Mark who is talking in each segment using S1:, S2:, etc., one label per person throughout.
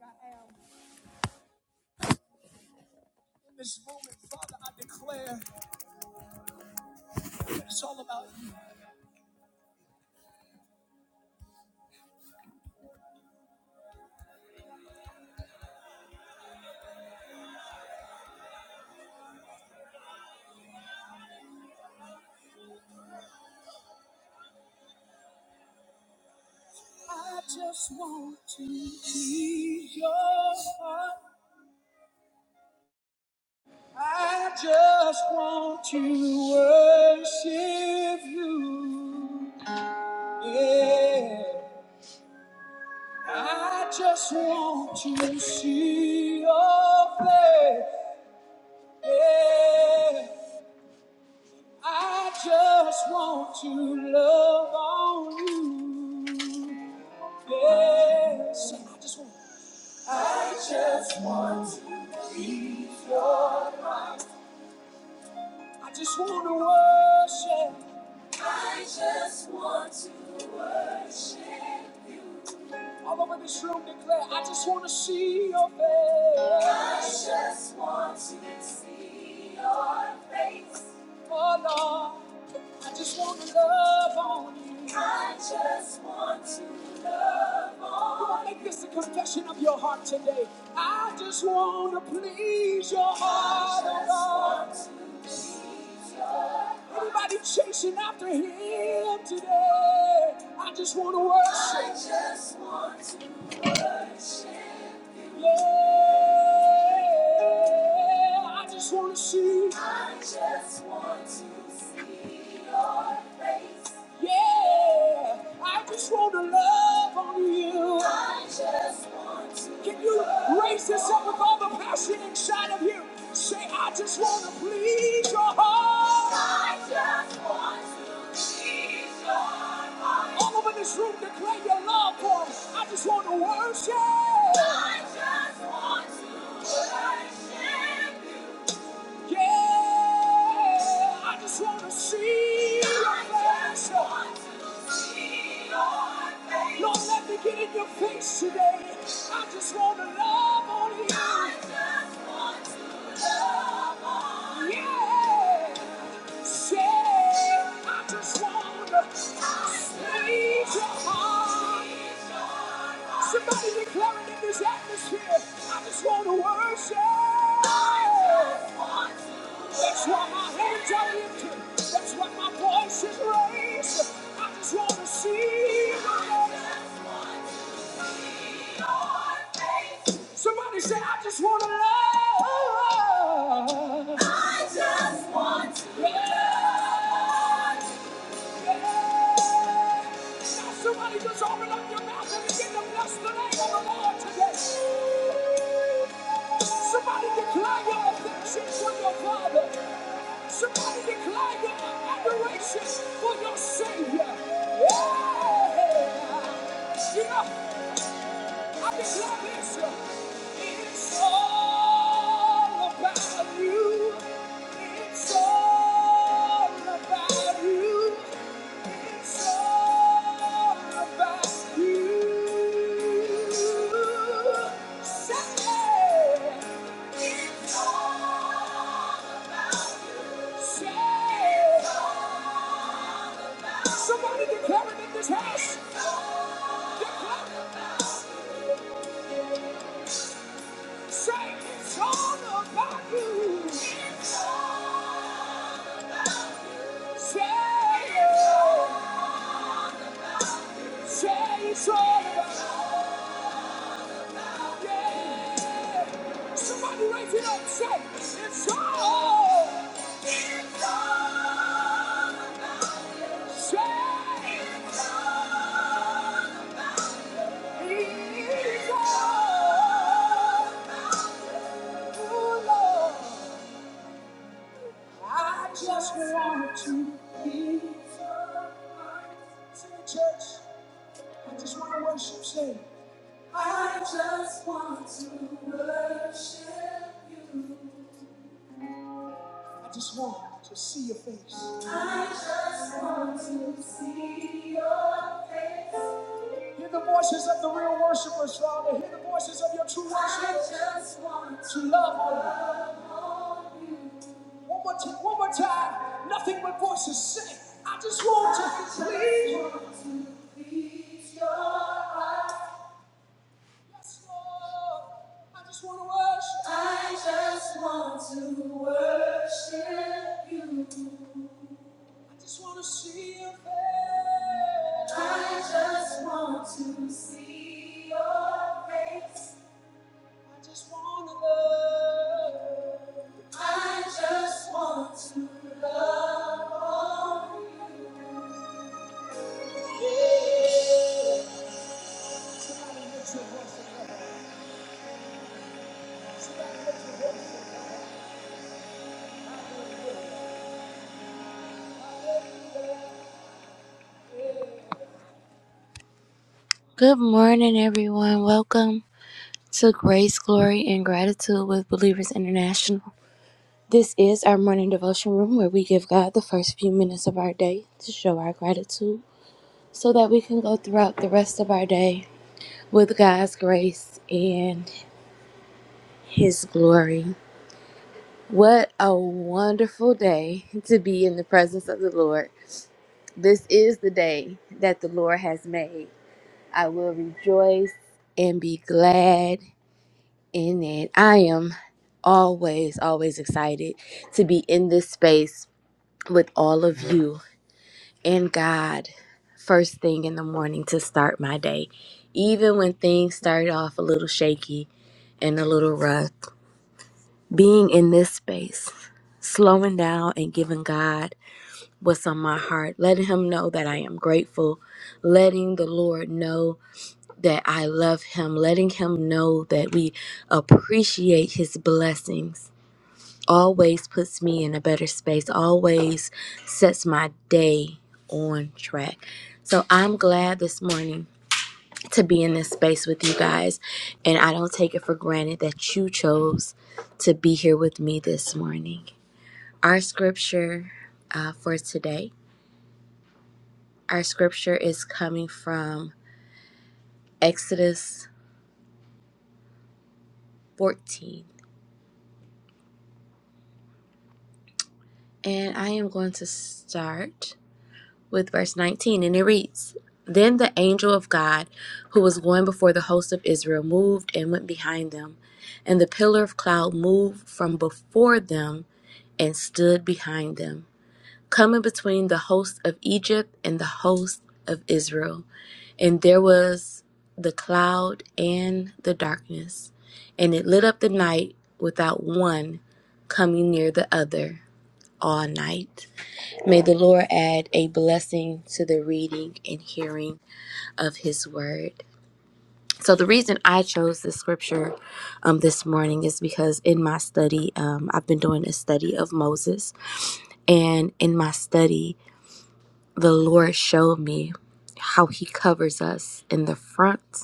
S1: I am. In this moment, Father, I declare it's all about you. I just want to see your heart. I just want to worship you. Yeah. I just want to see your face. Yeah. I just want to love on you. Yes, I just want I just want to worship. All over this room declare, I just want to see your face. Oh Lord, I just want to love on you. I just want to. Oh, Make this a confession of your heart today. I just want to please your heart, oh Lord. Anybody chasing after him today? I just want to worship. I just want to worship. Yeah, I just want to see. I just want to see your face. Yeah, I just want to love on you. I just want to Can you raise this up with all the passion inside of you? Say, I just want to please your heart. I just want to please your heart. All over this room, declare your love for him. I just want to worship. I just want to worship. Yeah, I just wanna see your face. Lord, let me get in your face today. I just wanna love on you. Yeah, say I just wanna squeeze your heart. Somebody declaring in this atmosphere, I just wanna worship. That's why my hands are lifted. That's why my voice is raised. I just want to see your face. Somebody say, I just want to love. I just want to love. Yeah. Now somebody just open up your mouth and begin to bless the name of the Lord today. Somebody declare your affection for your Father. Somebody declare your adoration for your Savior. Yeah. You know, I declare this. uh, It's all about you. It's all about you. It's all about you. Say, say. Somebody declare it in this house. Declare it. Say it's all about you. Say it. Say it's all about you. Somebody raise it up. Say it's all. It's all. Say it's all. It's all about you, Lord. I just want to be. Say, church, I just want to worship. Say. I just want to worship you. I just want to see your face. I just want to see your face. Hear the voices of the real worshipers, Father. Hear the voices of your true worshipers. I just want to love on you. One more time, one more time. Nothing but voices sing. I just want to I just please. Want to please your eyes. I just want to worship. I just want to worship you. I just want to see your face. I just want to see your face. I just want to love. I just want to love on you. Yeah. Somebody lift your voice and love. Somebody lift your voice and love. Good morning, everyone. Welcome to Grace, Glory, and Gratitude with Believers International. This is our morning devotion room where we give God the first few minutes of our day to show our gratitude so that we can go throughout the rest of our day with God's grace and His glory. What a wonderful day to be in the presence of the Lord. This is the day that the Lord has made. I will rejoice and be glad in it. I am always, always excited to be in this space with all of you and God first thing in the morning to start my day. Even when things start off a little shaky and a little rough, being in this space, slowing down and giving God what's on my heart, letting Him know that I am grateful, letting the Lord know that I love Him, letting Him know that we appreciate His blessings always puts me in a better space, always sets my day on track. So I'm glad this morning to be in this space with you guys, and I don't take it for granted that you chose to be here with me this morning. Our scripture uh, for today, our scripture is coming from Exodus 14, and I am going to start. with verse 19, and it reads Then the angel of God, who was going before the host of Israel, moved and went behind them, and the pillar of cloud moved from before them and stood behind them, coming between the host of Egypt and the host of Israel. And there was the cloud and the darkness, and it lit up the night without one coming near the other all night. May the Lord add a blessing to the reading and hearing of His word. So, the reason I chose this scripture um, this morning is because in my study, um, I've been doing a study of Moses. And in my study, the Lord showed me how He covers us in the front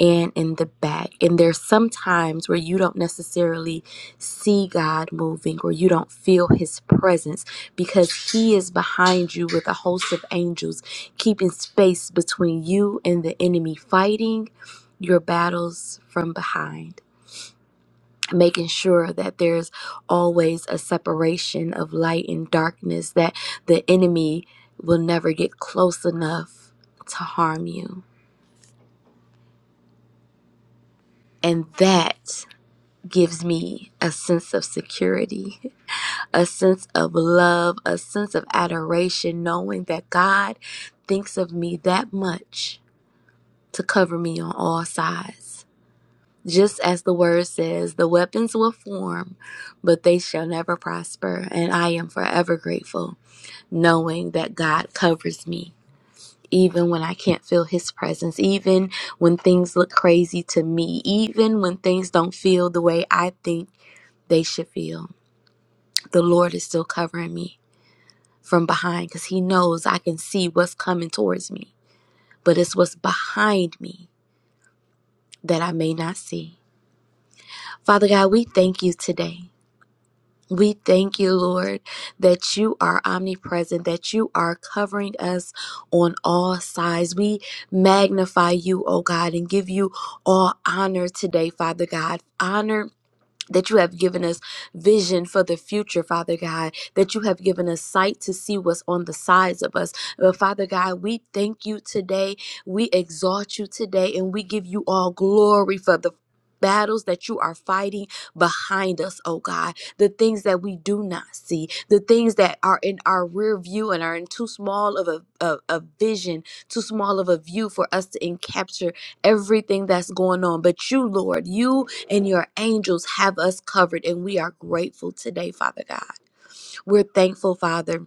S1: and in the back. And there's some times where you don't necessarily see God moving or you don't feel his presence because he is behind you with a host of angels, keeping space between you and the enemy, fighting your battles from behind. Making sure that there's always a separation of light and darkness, that the enemy will never get close enough to harm you. And that gives me a sense of security, a sense of love, a sense of adoration, knowing that God thinks of me that much to cover me on all sides. Just as the word says, the weapons will form, but they shall never prosper. And I am forever grateful, knowing that God covers me. Even when I can't feel his presence, even when things look crazy to me, even when things don't feel the way I think they should feel. the Lord is still covering me from behind because He knows I can see what's coming towards me, but it's what's behind me that I may not see. Father God, we thank you today. We thank you, Lord, that you are omnipresent, that you are covering us on all sides. We magnify you, oh God, and give you all honor today, Father God. Honor that you have given us vision for the future, Father God, that you have given us sight to see what's on the sides of us. But Father God, we thank you today. We exalt you today, and we give you all glory for the Battles that you are fighting behind us, oh God, the things that we do not see, the things that are in our rear view and are in too small of a, a, a vision, too small of a view for us to encapture everything that's going on. But you, Lord, you and your angels have us covered. And we are grateful today, Father God. We're thankful, Father.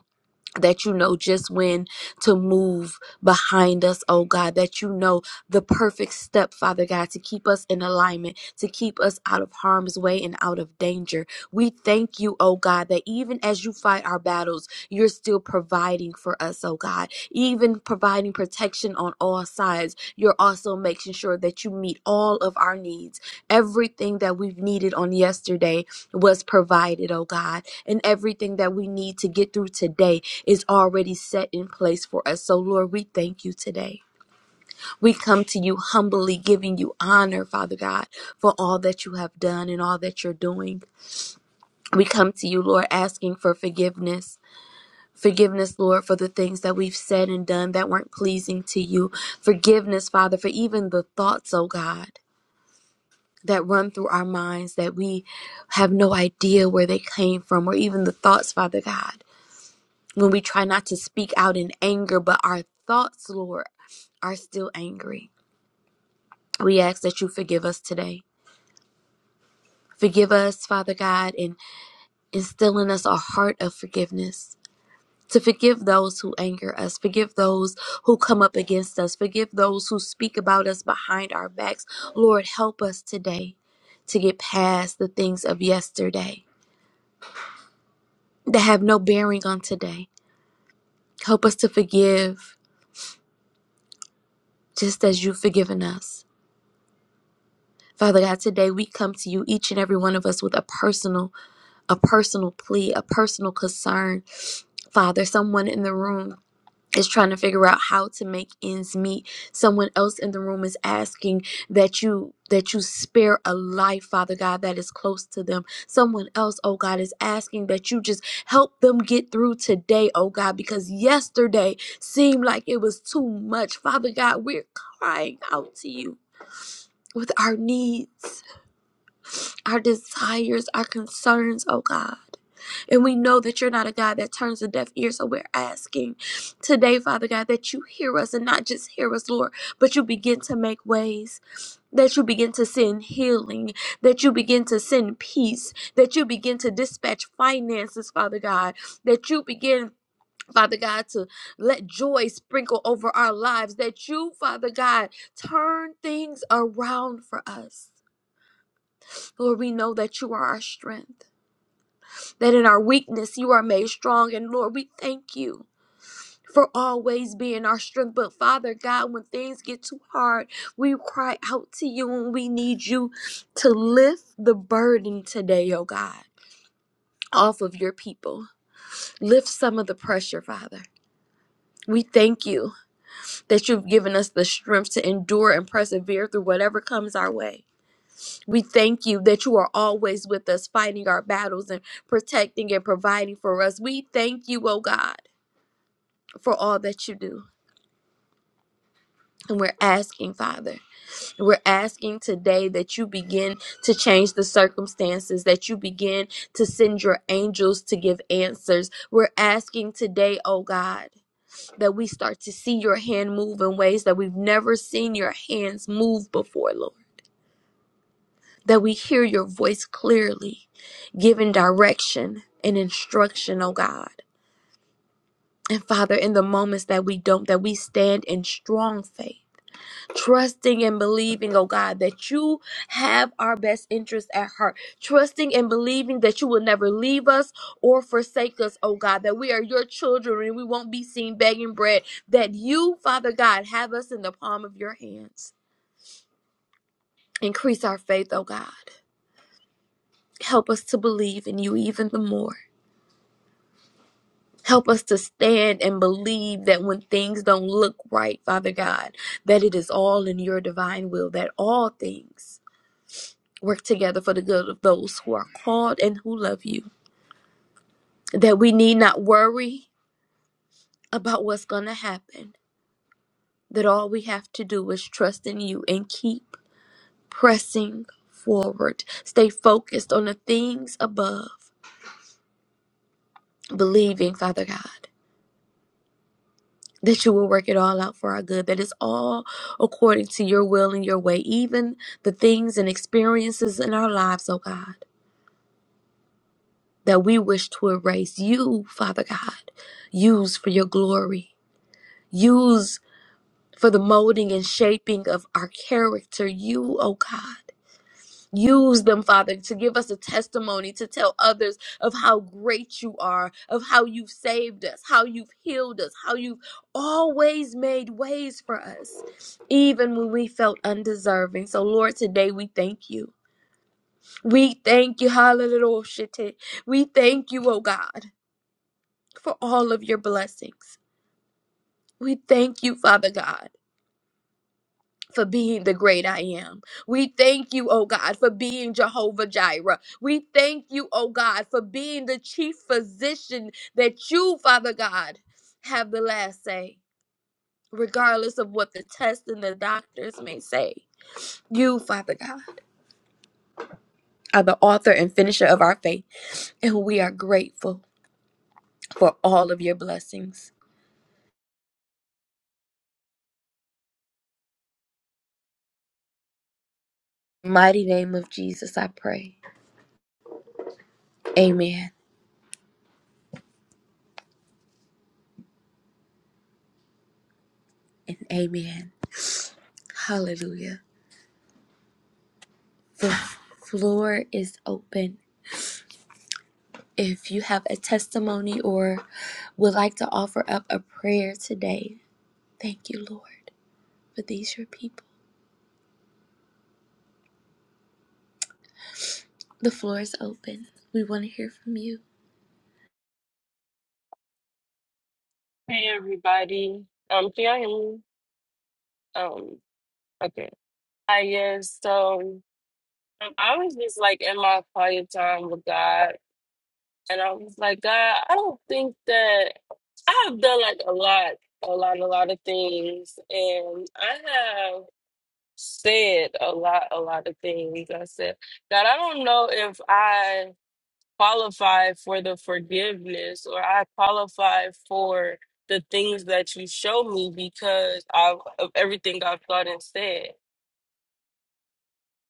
S1: That you know just when to move behind us, oh God, that you know the perfect step, Father God, to keep us in alignment, to keep us out of harm's way and out of danger. We thank you, oh God, that even as you fight our battles, you're still providing for us, oh God. Even providing protection on all sides, you're also making sure that you meet all of our needs. Everything that we've needed on yesterday was provided, oh God. And everything that we need to get through today is already set in place for us. So, Lord, we thank you today. We come to you humbly, giving you honor, Father God, for all that you have done and all that you're doing. We come to you, Lord, asking for forgiveness Forgiveness, Lord, for the things that we've said and done that weren't pleasing to you. Forgiveness, Father, for even the thoughts, oh God, that run through our minds that we have no idea where they came from, or even the thoughts, Father God, when we try not to speak out in anger, but our thoughts, Lord, are still angry. We ask that you forgive us today. Forgive us, Father God, and instill in us a heart of forgiveness to forgive those who anger us, forgive those who come up against us, forgive those who speak about us behind our backs. Lord, help us today to get past the things of yesterday that have no bearing on today. Help us to forgive just as you've forgiven us. Father God, today we come to you, each and every one of us, with a personal, a personal plea, a personal concern. Father, someone in the room is trying to figure out how to make ends meet someone else in the room is asking that you that you spare a life father god that is close to them someone else oh god is asking that you just help them get through today oh god because yesterday seemed like it was too much father god we're crying out to you with our needs our desires our concerns oh god and we know that you're not a God that turns a deaf ear. So we're asking today, Father God, that you hear us and not just hear us, Lord, but you begin to make ways, that you begin to send healing, that you begin to send peace, that you begin to dispatch finances, Father God, that you begin. Father God, to let joy sprinkle over our lives, that you, Father God, turn things around for us. Lord, we know that you are our strength that in our weakness you are made strong. And Lord, we thank you for always being our strength. But Father God, when things get too hard, we cry out to you and we need you to lift the burden today, oh God, off of your people. Lift some of the pressure, Father. We thank you that you've given us the strength to endure and persevere through whatever comes our way. We thank you that you are always with us, fighting our battles and protecting and providing for us. We thank you, oh God for all that you do. And we're asking, Father, and we're asking today that you begin to change the circumstances, that you begin to send your angels to give answers. We're asking today, oh God, that we start to see your hand move in ways that we've never seen your hands move before, Lord. That we hear your voice clearly, giving direction and instruction, oh God. And Father, in the moments that we don't, that we stand in strong faith trusting and believing, oh God, that you have our best interest at heart. Trusting and believing that you will never leave us or forsake us, oh God, that we are your children and we won't be seen begging bread, that you, Father God, have us in the palm of your hands. Increase our faith, oh God. Help us to believe in you even the more. Help us to stand and believe that when things don't look right, Father God, that it is all in your divine will, that all things Work together for the good of those who are called and who love you. That we need not worry about what's going to happen. That all we have to do is trust in you and keep pressing forward. Stay focused on the things above, believing, Father God, that you will work it all out for our good. That is all according to your will and your way. Even the things and experiences in our lives, oh God, that we wish to erase, you, Father God, use for your glory. Use for the molding and shaping of our character, you, oh God. Use them, Father, to give us a testimony, to tell others of how great you are, of how you've saved us, how you've healed us, how you've always made ways for us, even when we felt undeserving. So, Lord, today we thank you. We thank you, hallelujah. We thank you, oh God, for all of your blessings. We thank you, Father God. for being the great I am. We thank you, oh God, for being Jehovah Jireh. We thank you, oh God, for being the chief physician that you, Father God, have the last say, regardless of what the test and the doctors may say. You, Father God, are the author and finisher of our faith, and we are grateful for all of your blessings. Mighty name of Jesus, I pray. Amen and amen. Hallelujah. The floor is open. If you have a testimony or would like to offer up a prayer today, thank you, Lord, for these your people. The floor is open. We want to hear from you.
S2: Hey everybody. Um, can y'all hear me? Um, okay. I guess so. Um, I was just like in my quiet time with God, and I was like, God, I don't think that I have done like a lot, a lot, a lot of things, and I have said a lot, a lot of things. I said, God, I don't know if I. qualify for the forgiveness or I qualify for the things that you show me because of, of everything I've thought and said.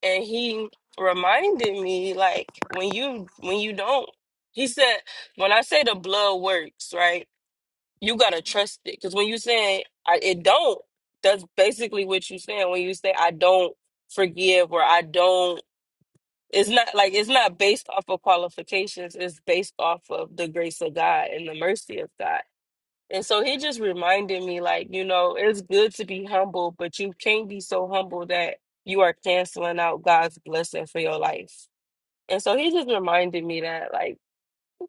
S2: And he reminded me like when you when you don't he said when I say the blood works, right? You gotta trust it. Cause when you saying I it don't, that's basically what you saying when you say I don't forgive or I don't it's not like it's not based off of qualifications. It's based off of the grace of God and the mercy of God. And so he just reminded me, like, you know, it's good to be humble, but you can't be so humble that you are canceling out God's blessing for your life. And so he just reminded me that, like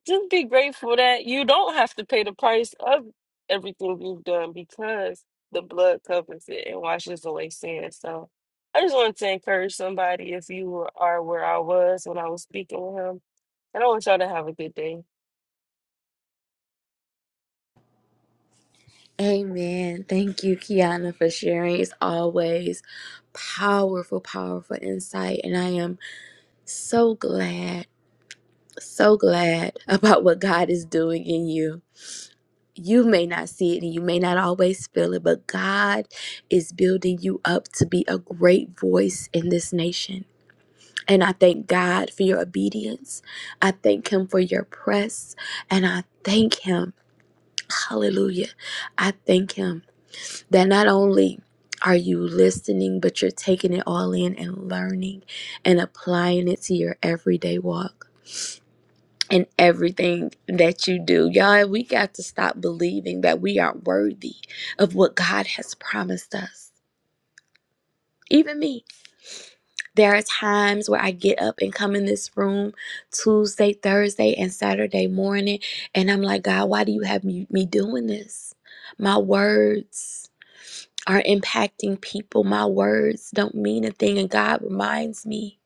S2: just be grateful that you don't have to pay the price of everything you've done because the blood covers it and washes away sin. So I just wanted to encourage somebody if you were- are where I was when I was speaking with him. And I want y'all to have a good day.
S1: Amen. Thank you, Kiana, for sharing. It's always powerful, powerful insight. And I am so glad, so glad about what God is doing in you. you may not see it and you may not always feel it, but God is building you up to be a great voice in this nation. And I thank God for your obedience. I thank Him for your press. And I thank Him, hallelujah. I thank Him that not only are you listening, but you're taking it all in and learning and applying it to your everyday walk in everything that you do. Y'all, we got to stop believing that we are worthy of what God has promised us. Even me, there are times where I get up and come in this room Tuesday, Thursday, and Saturday morning, and I'm like, God, why do you have me, me doing this? My words are impacting people. My words don't mean a thing. And God reminds me,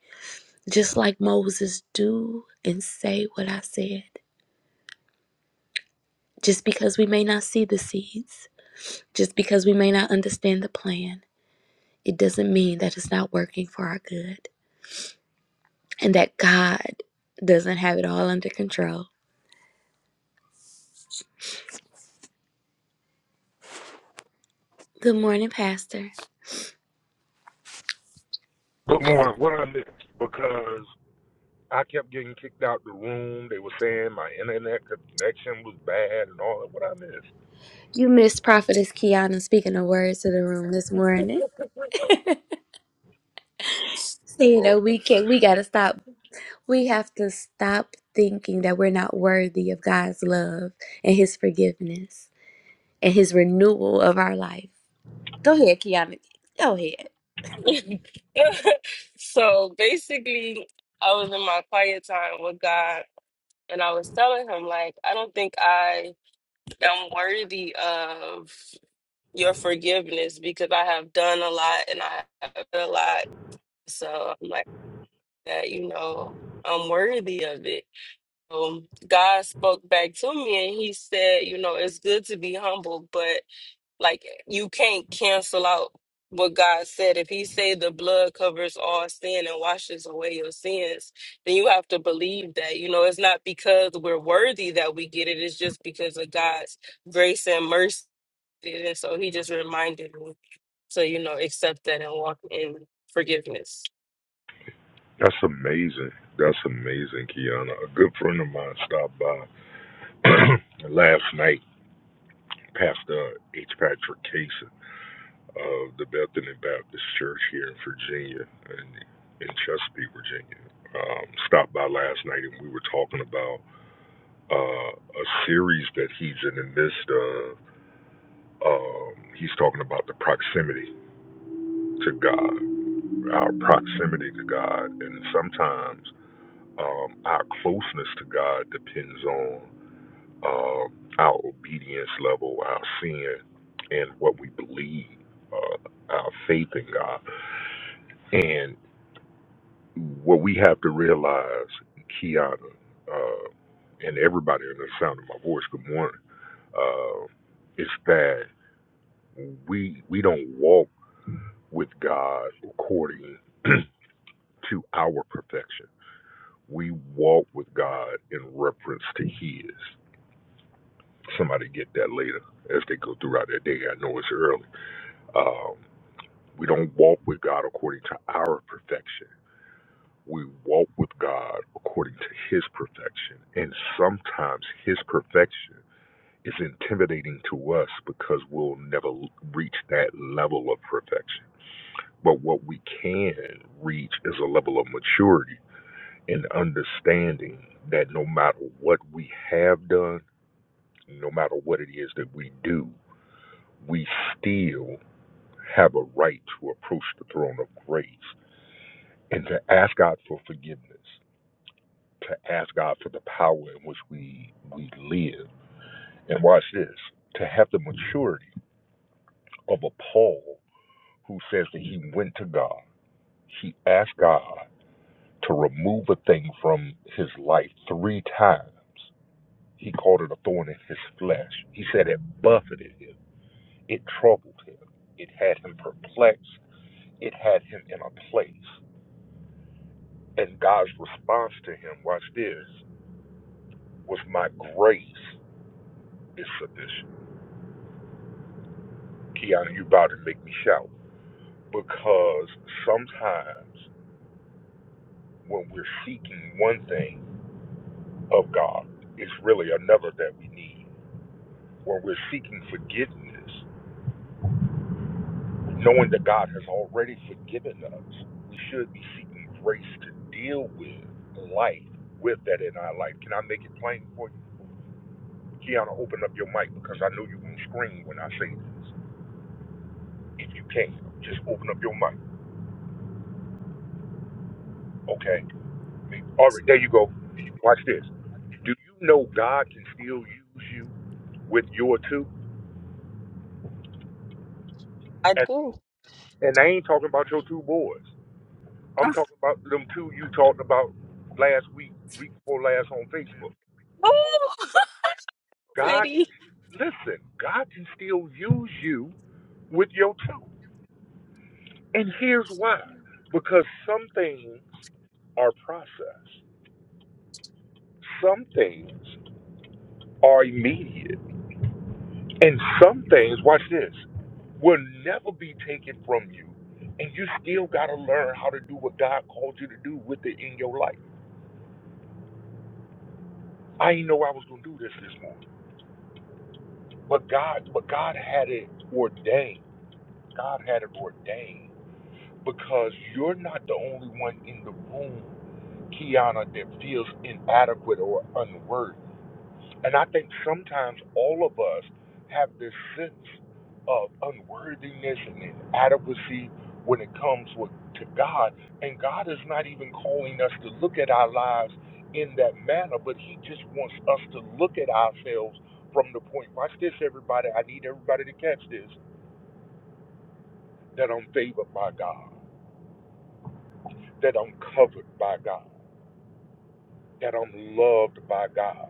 S1: just like Moses, do and say what I said just because we may not see the seeds. Just because we may not understand the plan, it doesn't mean that it's not working for our good and that God doesn't have it all under control. Good morning, Pastor.
S3: Good morning. What I missed because I kept getting kicked out the room. They were saying my internet connection was bad and all that. What I missed?
S1: You missed Prophetess Kiana speaking a word to the room this morning, saying
S3: Lord
S1: that
S3: have
S1: we can't,
S3: mercy.
S1: we got to stop. We have to stop thinking that we're not worthy of God's love and His forgiveness and His renewal of our life. Go ahead, Kiana. Go ahead.
S2: so basically, I was in my quiet time with God and I was telling him, like, I don't think I am worthy of your forgiveness because I have done a lot and I have done a lot So I'm like that, you know, I'm worthy of it. Um, God spoke back to me and he said, you know, it's good to be humble, but like you can't cancel out what God said. If he said the blood covers all sin and washes away your sins, then you have to believe that. You know, it's not because we're worthy that we get it, it's just because of God's grace and mercy. And so he just reminded me to, you know, accept that and walk in forgiveness.
S3: That's amazing. That's amazing, Kiana. A good friend of mine stopped by last night, Pastor H. Patrick Casey of the Bethany Baptist Church here in Virginia and in Chesapeake, Virginia. Um, stopped by last night and we were talking about uh, a series that he's in the midst of. Um, he's talking about the proximity to God, our proximity to God, and sometimes um, our closeness to God depends on um our obedience level, our sin, and what we believe, uh, our faith in God. And what we have to realize, Kiana, uh, and everybody in the sound of my voice, good morning, uh, is that we we don't walk with God according to our perfection. We walk with God in reference to His. Somebody get that later as they go throughout their day. I know it's early. Um, we don't walk with God according to our perfection. We walk with God according to His perfection. And sometimes His perfection is intimidating to us because we'll never reach that level of perfection. But what we can reach is a level of maturity and understanding that no matter what we have done, no matter what it is that we do, we still have a right to approach the throne of grace and to ask God for forgiveness, to ask God for the power in which we we live. And watch this, to have the maturity of a Paul who says that he went to God. He asked God to remove a thing from his life three times He called it a thorn in his flesh. He said it buffeted him. It troubled him. It had him perplexed. It had him in a place. And God's response to him, watch this, was my grace is sufficient. Keanu, you about to make me shout. Because sometimes when we're seeking one thing of God, it's really another that we need. When we're seeking forgiveness, Knowing that God has already forgiven us, we should be seeking grace to deal with life with that in our life. Can I make it plain for you? Kiana, open up your mic because I know you're going to scream when I say this. If you can, just open up your mic, okay? All right, there you go. Watch this. Do you know God can still use you with your two?
S2: I
S3: And
S2: do.
S3: and I ain't talking about your two boys. I'm talking about them two you talked about last week, week before last on Facebook.
S2: Oh,
S3: God can
S2: Petty.
S3: listen, God can still use you with your tone. And here's why. Because some things are process. Some things are immediate. And some things, watch this, will never be taken from you. And you still gotta learn how to do what God called you to do with it in your life. I didn't know I was gonna do this this morning. But God but God had it ordained. God had it ordained because you're not the only one in the room, Kiana, that feels inadequate or unworthy. And I think sometimes all of us have this sense of unworthiness and inadequacy when it comes with, to God. And God is not even calling us to look at our lives in that manner, but He just wants us to look at ourselves from the point. Watch this, everybody. I need everybody to catch this that I'm favored by God, that I'm covered by God that I'm loved by God.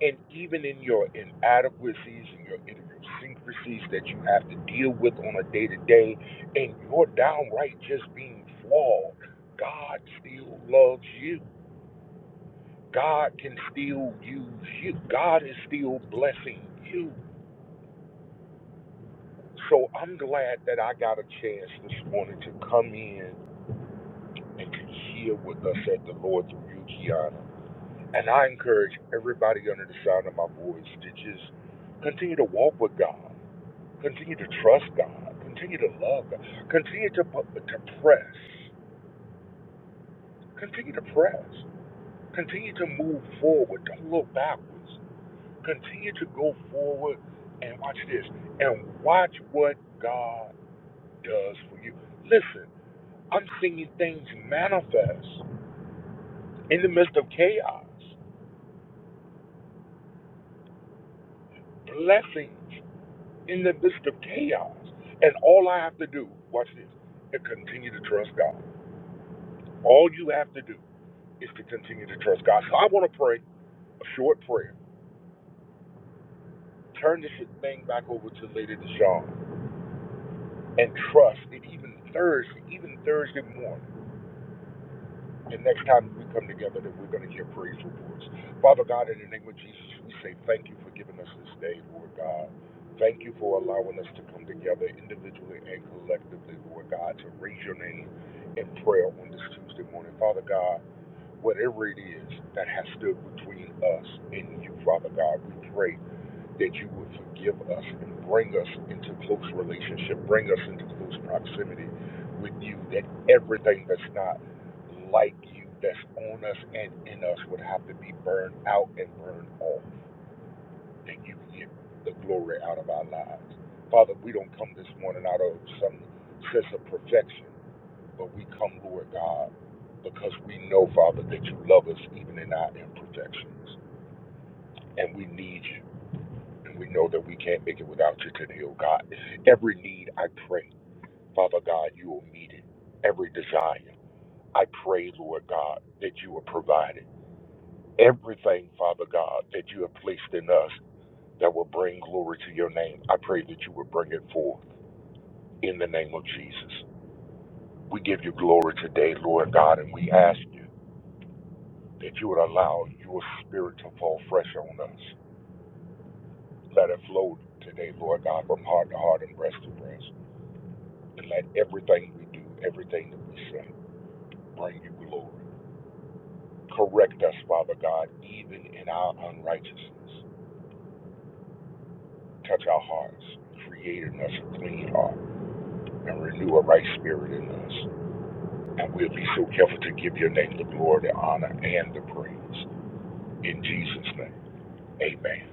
S3: And even in your inadequacies and your idiosyncrasies that you have to deal with on a day to day, and you're downright just being flawed, God still loves you. God can still use you. God is still blessing you. So I'm glad that I got a chance this morning to come in and to hear what thus said the Lord through you, Kiana. And I encourage everybody under the sound of my voice to just continue to walk with God, continue to trust God, continue to love God, continue to, to press, continue to press, continue to move forward. Don't look backwards. Continue to go forward and watch this and watch what God does for you. Listen, I'm seeing things manifest in the midst of chaos, blessings in the midst of chaos. And all I have to do, watch this, is continue to trust God. All you have to do is to continue to trust God. So I want to pray a short prayer. Turn this thing back over to Lady Deshawn and trust. And even Thursday, even Thursday morning. the next time we come together that we're going to hear praise reports. Father God, in the name of Jesus, we say thank you for giving us this day, Lord God. Thank you for allowing us to come together individually and collectively, Lord God, to raise your name in prayer on this Tuesday morning. Father God, whatever it is that has stood between us and you, Father God, we pray that you would forgive us and bring us into close relationship, bring us into close proximity with you, that everything that's not like you, that's on us and in us, would have to be burned out and burned off, that you get the glory out of our lives. Father, we don't come this morning out of some sense of perfection, but we come, Lord God, because we know, Father, that you love us even in our imperfections, and we need you. And we know that we can't make it without you today, oh God. Every need I pray, Father God, you will meet it. Every desire, I pray, Lord God, that you will provide it. Everything, Father God, that you have placed in us that will bring glory to your name, I pray that you will bring it forth in the name of Jesus. We give you glory today, Lord God, and we ask you that you would allow your spirit to fall fresh on us. Let it flow today, Lord God, from heart to heart and breast to breast. and let everything we do, everything that we say, bring you glory. Correct us, Father God, even in our unrighteousness. Touch our hearts, create in us a clean heart, and renew a right spirit in us. And we'll be so careful to give your name the glory, the honor, and the praise. In Jesus' name, amen.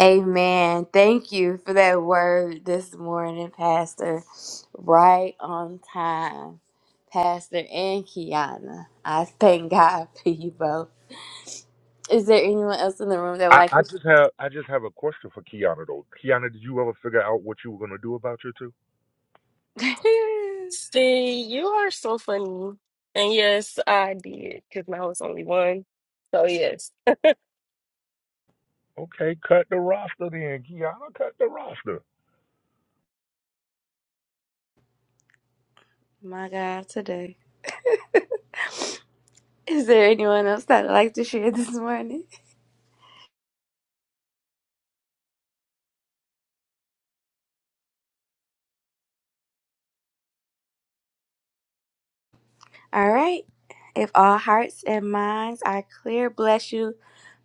S1: Amen. Thank you for that word this morning, Pastor. Right on time, Pastor and Kiana. I thank God for you both. Is there anyone else in the room that would
S3: I,
S1: like
S3: I
S1: to?
S3: just have I just have a question for Kiana though. Kiana, did you ever figure out what you were gonna do about your two?
S2: See, you are so funny. And yes, I did, because I was only one. So yes.
S3: Okay, cut the roster then, Kiana. Cut the roster.
S1: My God, today. Is there anyone else that would like to share this morning? All right. If all hearts and minds are clear, bless you,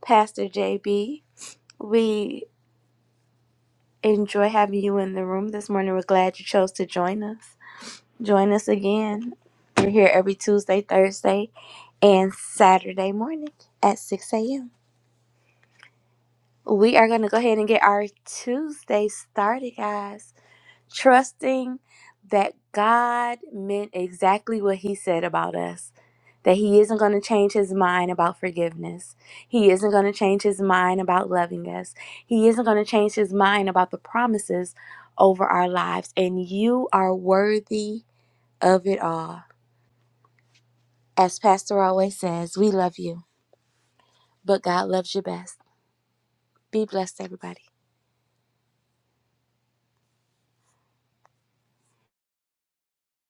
S1: Pastor JB. We enjoy having you in the room this morning. We're glad you chose to join us. Join us again. We're here every Tuesday, Thursday, and Saturday morning at 6 a.m. We are going to go ahead and get our Tuesday started, guys. Trusting that God meant exactly what He said about us, that He isn't going to change His mind about forgiveness. He isn't going to change His mind about loving us. He isn't going to change His mind about the promises over our lives. And you are worthy of it all. As Pastor always says, we love you, but God loves you best. Be blessed, everybody.